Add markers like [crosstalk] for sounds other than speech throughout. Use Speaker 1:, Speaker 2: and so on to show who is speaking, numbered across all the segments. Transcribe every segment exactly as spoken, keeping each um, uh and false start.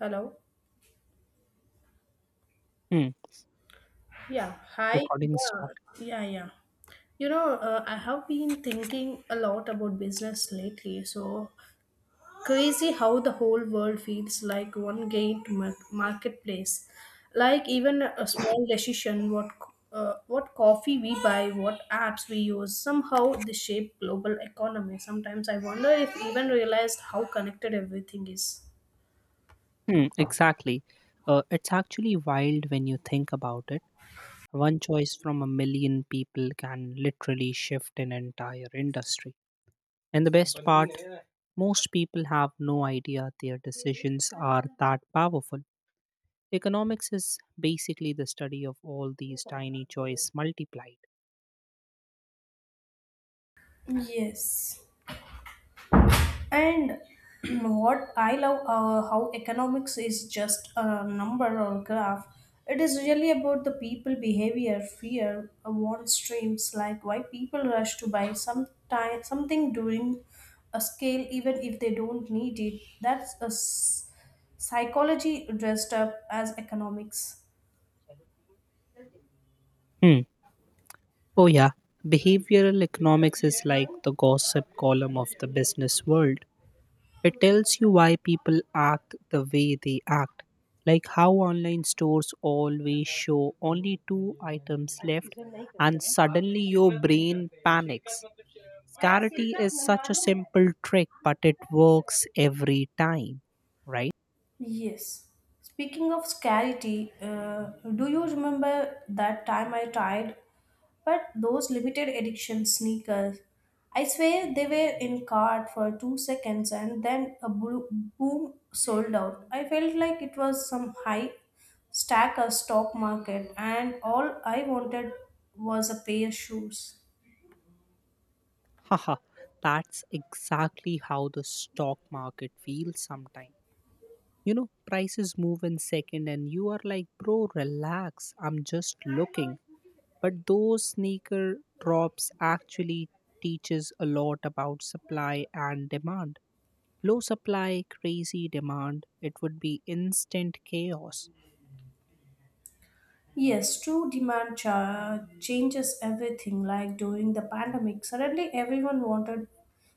Speaker 1: Hello.
Speaker 2: Hmm.
Speaker 1: Yeah. Hi.
Speaker 2: Recording
Speaker 1: Yeah.
Speaker 2: stopped.
Speaker 1: Yeah. Yeah. You know, uh, I have been thinking a lot about business lately. So crazy how the whole world feels like one giant mar- marketplace. Like even a small decision, what c- uh, what coffee we buy, what apps we use, somehow they shape global economy. Sometimes I wonder if even realized how connected everything is.
Speaker 2: Hmm, exactly. Uh, it's actually wild when you think about it. One choice from a million people can literally shift an entire industry. And the best part, most people have no idea their decisions are that powerful. Economics is basically the study of all these tiny choice multiplied.
Speaker 1: Yes. And [clears throat] what I love uh, how economics is just a number or graph. It is really about the people behavior, fear, uh, want streams, like why people rush to buy some time, something during a scale even if they don't need it. That's a s- psychology dressed up as economics.
Speaker 2: Hmm. Oh, yeah. Behavioral economics is like the gossip column of the business world. It tells you why people act the way they act, like how online stores always show only two items left, and suddenly your brain panics. Scarcity is such a simple trick, but it works every time, right?
Speaker 1: Yes. Speaking of scarcity, uh, do you remember that time I tried But those limited edition sneakers, I swear they were in cart for two seconds and then a blo- boom sold out. I felt like it was some high stack or stock market, and all I wanted was a pair of shoes.
Speaker 2: [laughs] Haha, that's exactly how the stock market feels sometimes. You know, prices move in second, and you are like, bro, relax, I'm just looking. But those sneaker drops actually teaches a lot about supply and demand. Low supply, crazy demand, it would be instant chaos.
Speaker 1: Yes, true demand cha- changes everything. Like during the pandemic, suddenly everyone wanted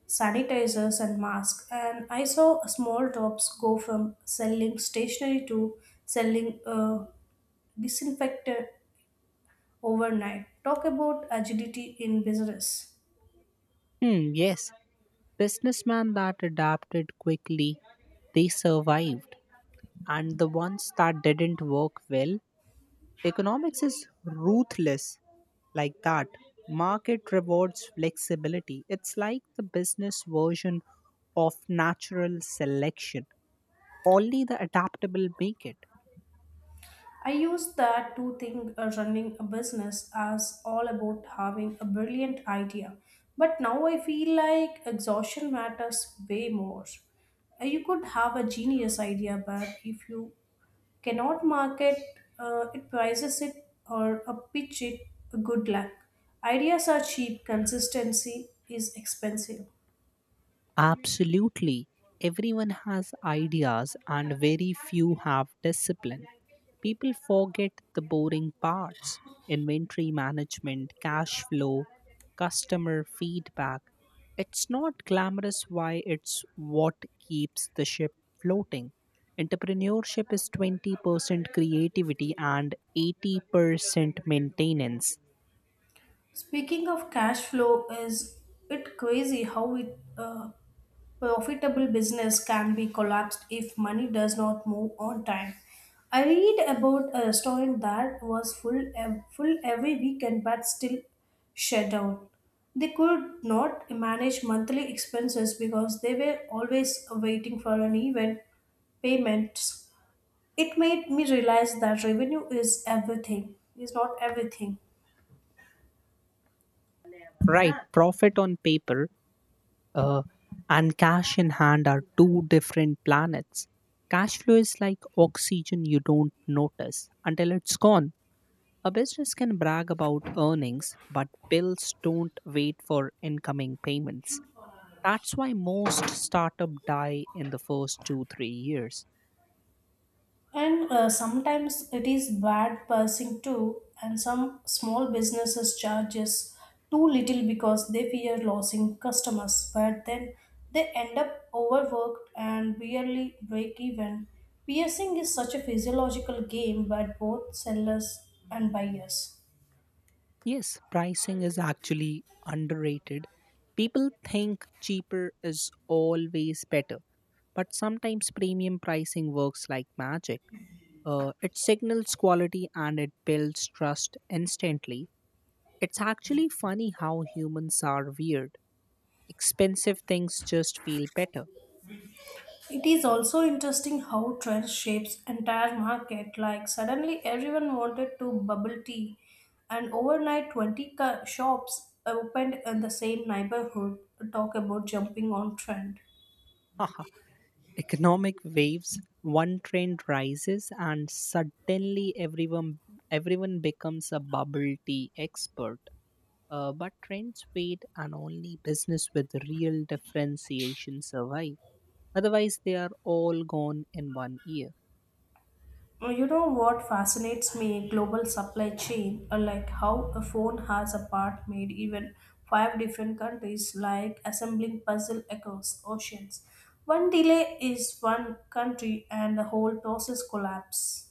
Speaker 1: sanitizers and masks, and I saw small shops go from selling stationery to selling uh, disinfectant overnight. Talk about agility in business.
Speaker 2: Hmm, yes, businessmen that adapted quickly, they survived, and the ones that didn't work well. Economics is ruthless like that. Market rewards flexibility. It's like the business version of natural selection, only the adaptable make it.
Speaker 1: I used that to think uh, running a business as all about having a brilliant idea, but now I feel like exhaustion matters way more. Uh, You could have a genius idea, but if you cannot market uh, it, prices it, or uh, pitch it, good luck. Ideas are cheap, consistency is expensive.
Speaker 2: Absolutely, everyone has ideas and very few have discipline. People forget the boring parts, inventory management, cash flow, customer feedback. It's not glamorous why it's what keeps the ship floating. Entrepreneurship is twenty percent creativity and eighty percent maintenance.
Speaker 1: Speaking of cash flow, is it crazy how it uh, profitable business can be collapsed if money does not move on time? I read about a restaurant that was full ev- full every weekend but still shut down. They could not manage monthly expenses because they were always waiting for an event payments. It made me realize that revenue is everything, is not everything.
Speaker 2: Right, profit on paper uh, and cash in hand are two different planets. Cash flow is like oxygen, you don't notice until it's gone. A business can brag about earnings, but bills don't wait for incoming payments. That's why most startups die in the first two, three years.
Speaker 1: And uh, sometimes it is bad pricing too, and some small businesses charges too little because they fear losing customers, but then they end up overworked and barely break even. Piercing is such a physiological game by both sellers and buyers.
Speaker 2: Yes, pricing is actually underrated. People think cheaper is always better, but sometimes premium pricing works like magic. Uh, it signals quality and it builds trust instantly. It's actually funny how humans are weird. Expensive things just feel better.
Speaker 1: It is also interesting how trend shapes entire market. Like suddenly everyone wanted to bubble tea, and overnight twenty ca- shops opened in the same neighborhood. Talk about jumping on trend.
Speaker 2: Haha. Economic waves. One trend rises, and suddenly everyone everyone becomes a bubble tea expert. Uh, but trends fade, and only business with real differentiation survive. Otherwise, they are all gone in one year.
Speaker 1: Uh, You know what fascinates me? Global supply chain, uh, like how a phone has a part made even five different countries, like assembling puzzle across oceans. One delay is one country, and the whole process collapse.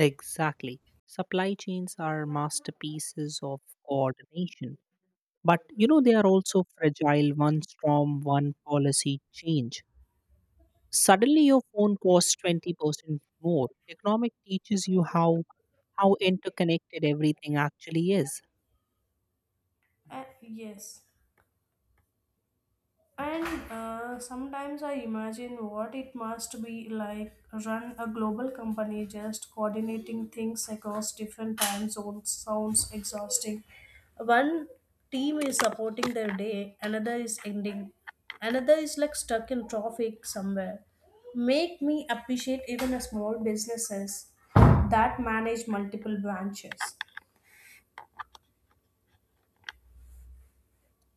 Speaker 2: Exactly. Supply chains are masterpieces of coordination. But you know, they are also fragile. One storm, one policy change. Suddenly, your phone costs twenty percent more. Economic teaches you how, how interconnected everything actually is.
Speaker 1: Uh, yes. And uh, sometimes I imagine what it must be like run a global company just coordinating things across different time zones sounds exhausting. One team is supporting their day, another is ending, another is like stuck in traffic somewhere. Make me appreciate even a small businesses that manage multiple branches.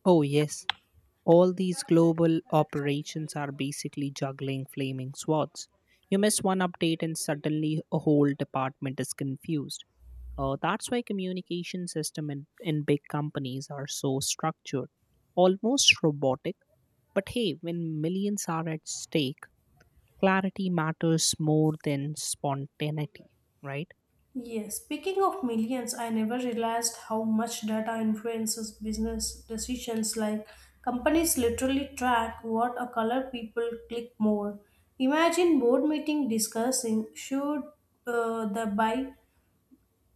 Speaker 2: Oh, yes. All these global operations are basically juggling flaming swords. You miss one update and suddenly a whole department is confused. Uh, that's why communication system in, in big companies are so structured, almost robotic. But hey, when millions are at stake, clarity matters more than spontaneity, right?
Speaker 1: Yes, speaking of millions, I never realized how much data influences business decisions. Like companies literally track what a color people click more. Imagine board meeting discussing should uh, the buy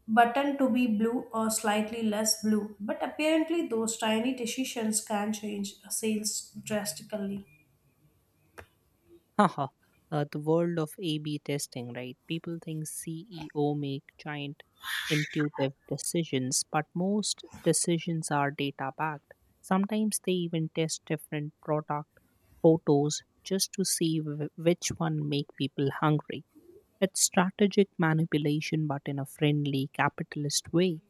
Speaker 1: button to be blue or slightly less blue. But apparently, those tiny decisions can change sales drastically.
Speaker 2: Haha, uh, the world of A/B testing, right? People think C E O make giant intuitive decisions, but most decisions are data backed. Sometimes they even test different product photos just to see wh- which one make people hungry. It's strategic manipulation, but in a friendly capitalist way.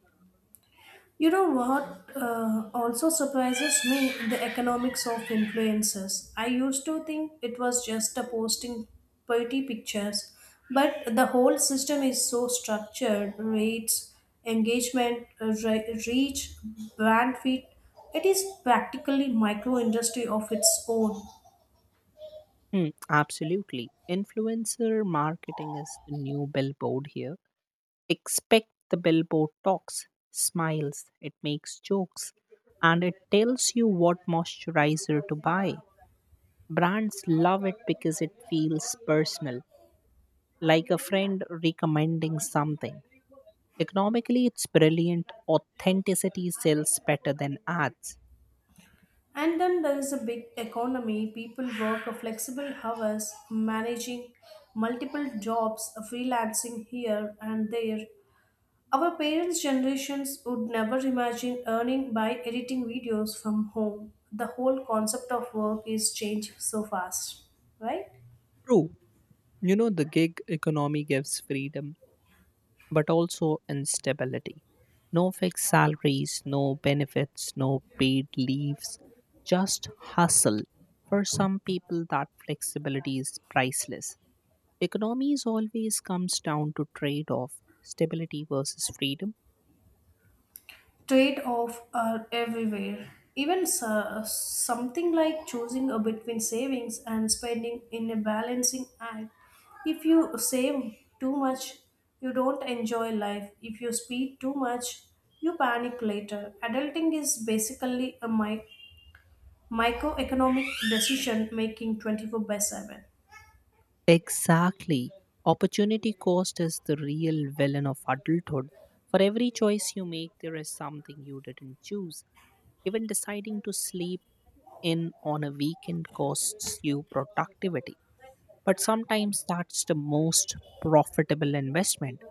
Speaker 1: You know what uh, also surprises me? The economics of influencers. I used to think it was just a posting pretty pictures, but the whole system is so structured rates, engagement, uh, re- reach, brand fit. It is practically micro industry of its own.
Speaker 2: Hmm, absolutely. Influencer marketing is the new billboard here. Expect the billboard talks, smiles, it makes jokes, and it tells you what moisturizer to buy. Brands love it because it feels personal, like a friend recommending something. Economically, it's brilliant. Authenticity sells better than ads.
Speaker 1: And then there is a big economy. People work a flexible hours, managing multiple jobs, freelancing here and there Our parents' generations would never imagine earning by editing videos from home. The whole concept of work is changing so fast, right?
Speaker 2: True. You know, the gig economy gives freedom but also instability. No fixed salaries, no benefits, no paid leaves, just hustle. For some people, that flexibility is priceless. Economies always comes down to trade off, stability versus freedom.
Speaker 1: Trade offs are everywhere. Even s- Something like choosing a between savings and spending in a balancing act. If you save too much, you don't enjoy life. If you speed too much, you panic later. Adulting is basically a mi- microeconomic decision making twenty-four by seven.
Speaker 2: Exactly. Opportunity cost is the real villain of adulthood. For every choice you make, there is something you didn't choose. Even deciding to sleep in on a weekend costs you productivity. But sometimes that's the most profitable investment.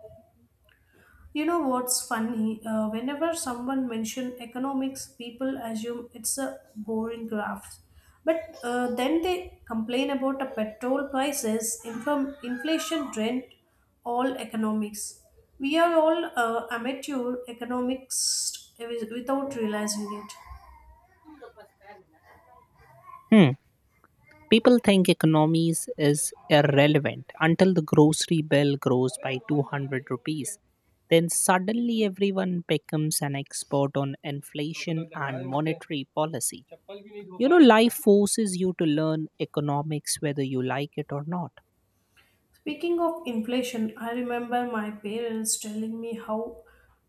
Speaker 1: You know what's funny, uh, whenever someone mentions economics people assume it's a boring graph but uh, then they complain about the petrol prices inform, inflation rent, all economics we are all uh, amateur economics without realizing it.
Speaker 2: Hmm. People think economies is irrelevant until the grocery bill grows by two hundred rupees. Then suddenly everyone becomes an expert on inflation and monetary policy. You know, life forces you to learn economics whether you like it or not.
Speaker 1: Speaking of inflation, I remember my parents telling me how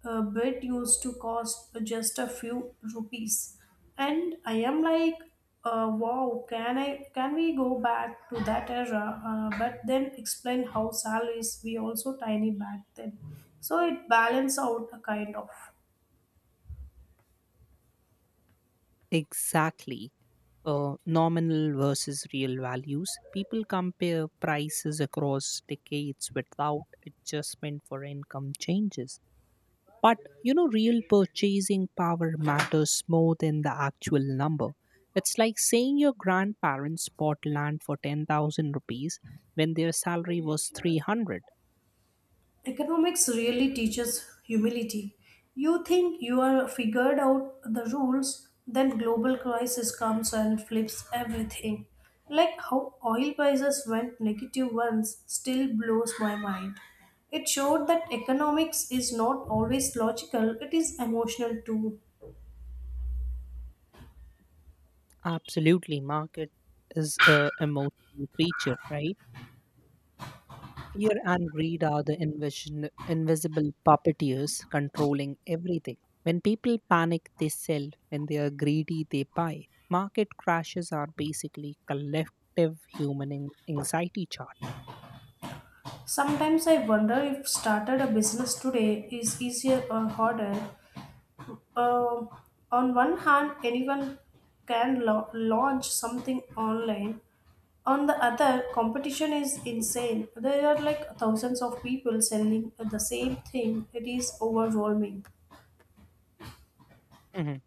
Speaker 1: a bread used to cost just a few rupees, and I am like, uh, wow, can I can we go back to that era? Uh, but then explain how salaries were also tiny back then, so it balanced out a kind of.
Speaker 2: Exactly. Uh, nominal versus real values. People compare prices across decades without adjustment for income changes. But you know, real purchasing power matters more than the actual number. It's like saying your grandparents bought land for ten thousand rupees when their salary was three hundred.
Speaker 1: Economics really teaches humility. You think you are figured out the rules, then global crisis comes and flips everything. Like how oil prices went negative once still blows my mind. It showed that economics is not always logical, it is emotional too.
Speaker 2: Absolutely, market is a emotional creature, right? Fear and greed are the invision, invisible puppeteers controlling everything. When people panic, they sell. When they are greedy, they buy. Market crashes are basically collective human an- anxiety chart.
Speaker 1: Sometimes I wonder if started a business today is easier or harder. Uh, on one hand, anyone can lo- launch something online. On the other, competition is insane. There are like thousands of people selling the same thing. It is overwhelming.
Speaker 2: Mhm.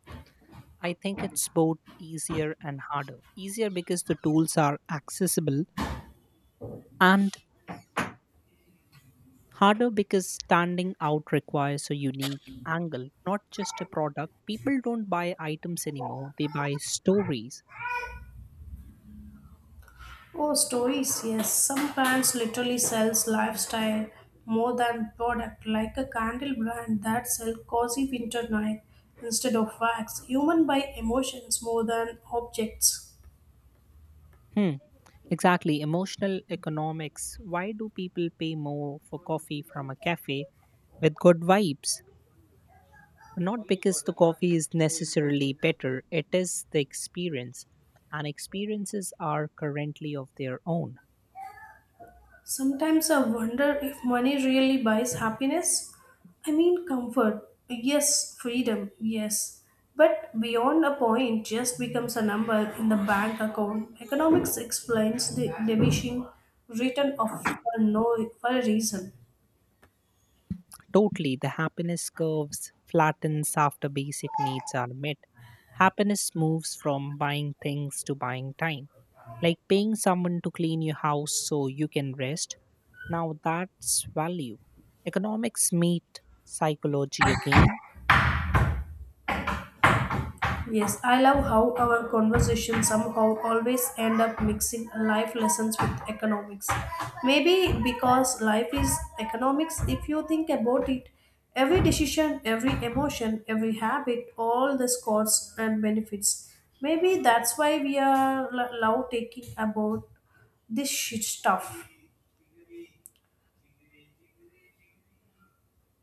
Speaker 2: I think it's both easier and harder. Easier because the tools are accessible, and harder because standing out requires a unique angle, not just a product. People don't buy items anymore, they buy stories.
Speaker 1: Oh, stories, yes. Some brands literally sells lifestyle more than product, like a candle brand that sell cozy winter night instead of wax. Human buy emotions more than objects.
Speaker 2: Hmm. Exactly. Emotional economics. Why do people pay more for coffee from a cafe with good vibes? Not because the coffee is necessarily better, it is the experience. And experiences are currently of their own.
Speaker 1: Sometimes I wonder if money really buys happiness. I mean, comfort, yes, freedom, yes. But beyond a point, just becomes a number in the bank account. Economics explains the diminishing return of for no for a reason.
Speaker 2: Totally, the happiness curves flattens after basic needs are met. Happiness moves from buying things to buying time, like paying someone to clean your house so you can rest. Now that's value. Economics meet psychology again.
Speaker 1: Yes, I love how our conversations somehow always end up mixing life lessons with economics. Maybe because life is economics, if you think about it, every decision, every emotion, every habit, all the costs and benefits. Maybe that's why we are lo- love taking about this shit stuff.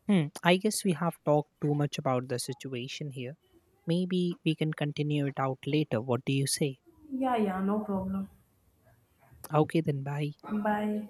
Speaker 2: Hmm, I guess we have talked too much about the situation here. Maybe we can continue it out later. What do you say?
Speaker 1: Yeah, yeah, no problem.
Speaker 2: Okay, then bye.
Speaker 1: Bye.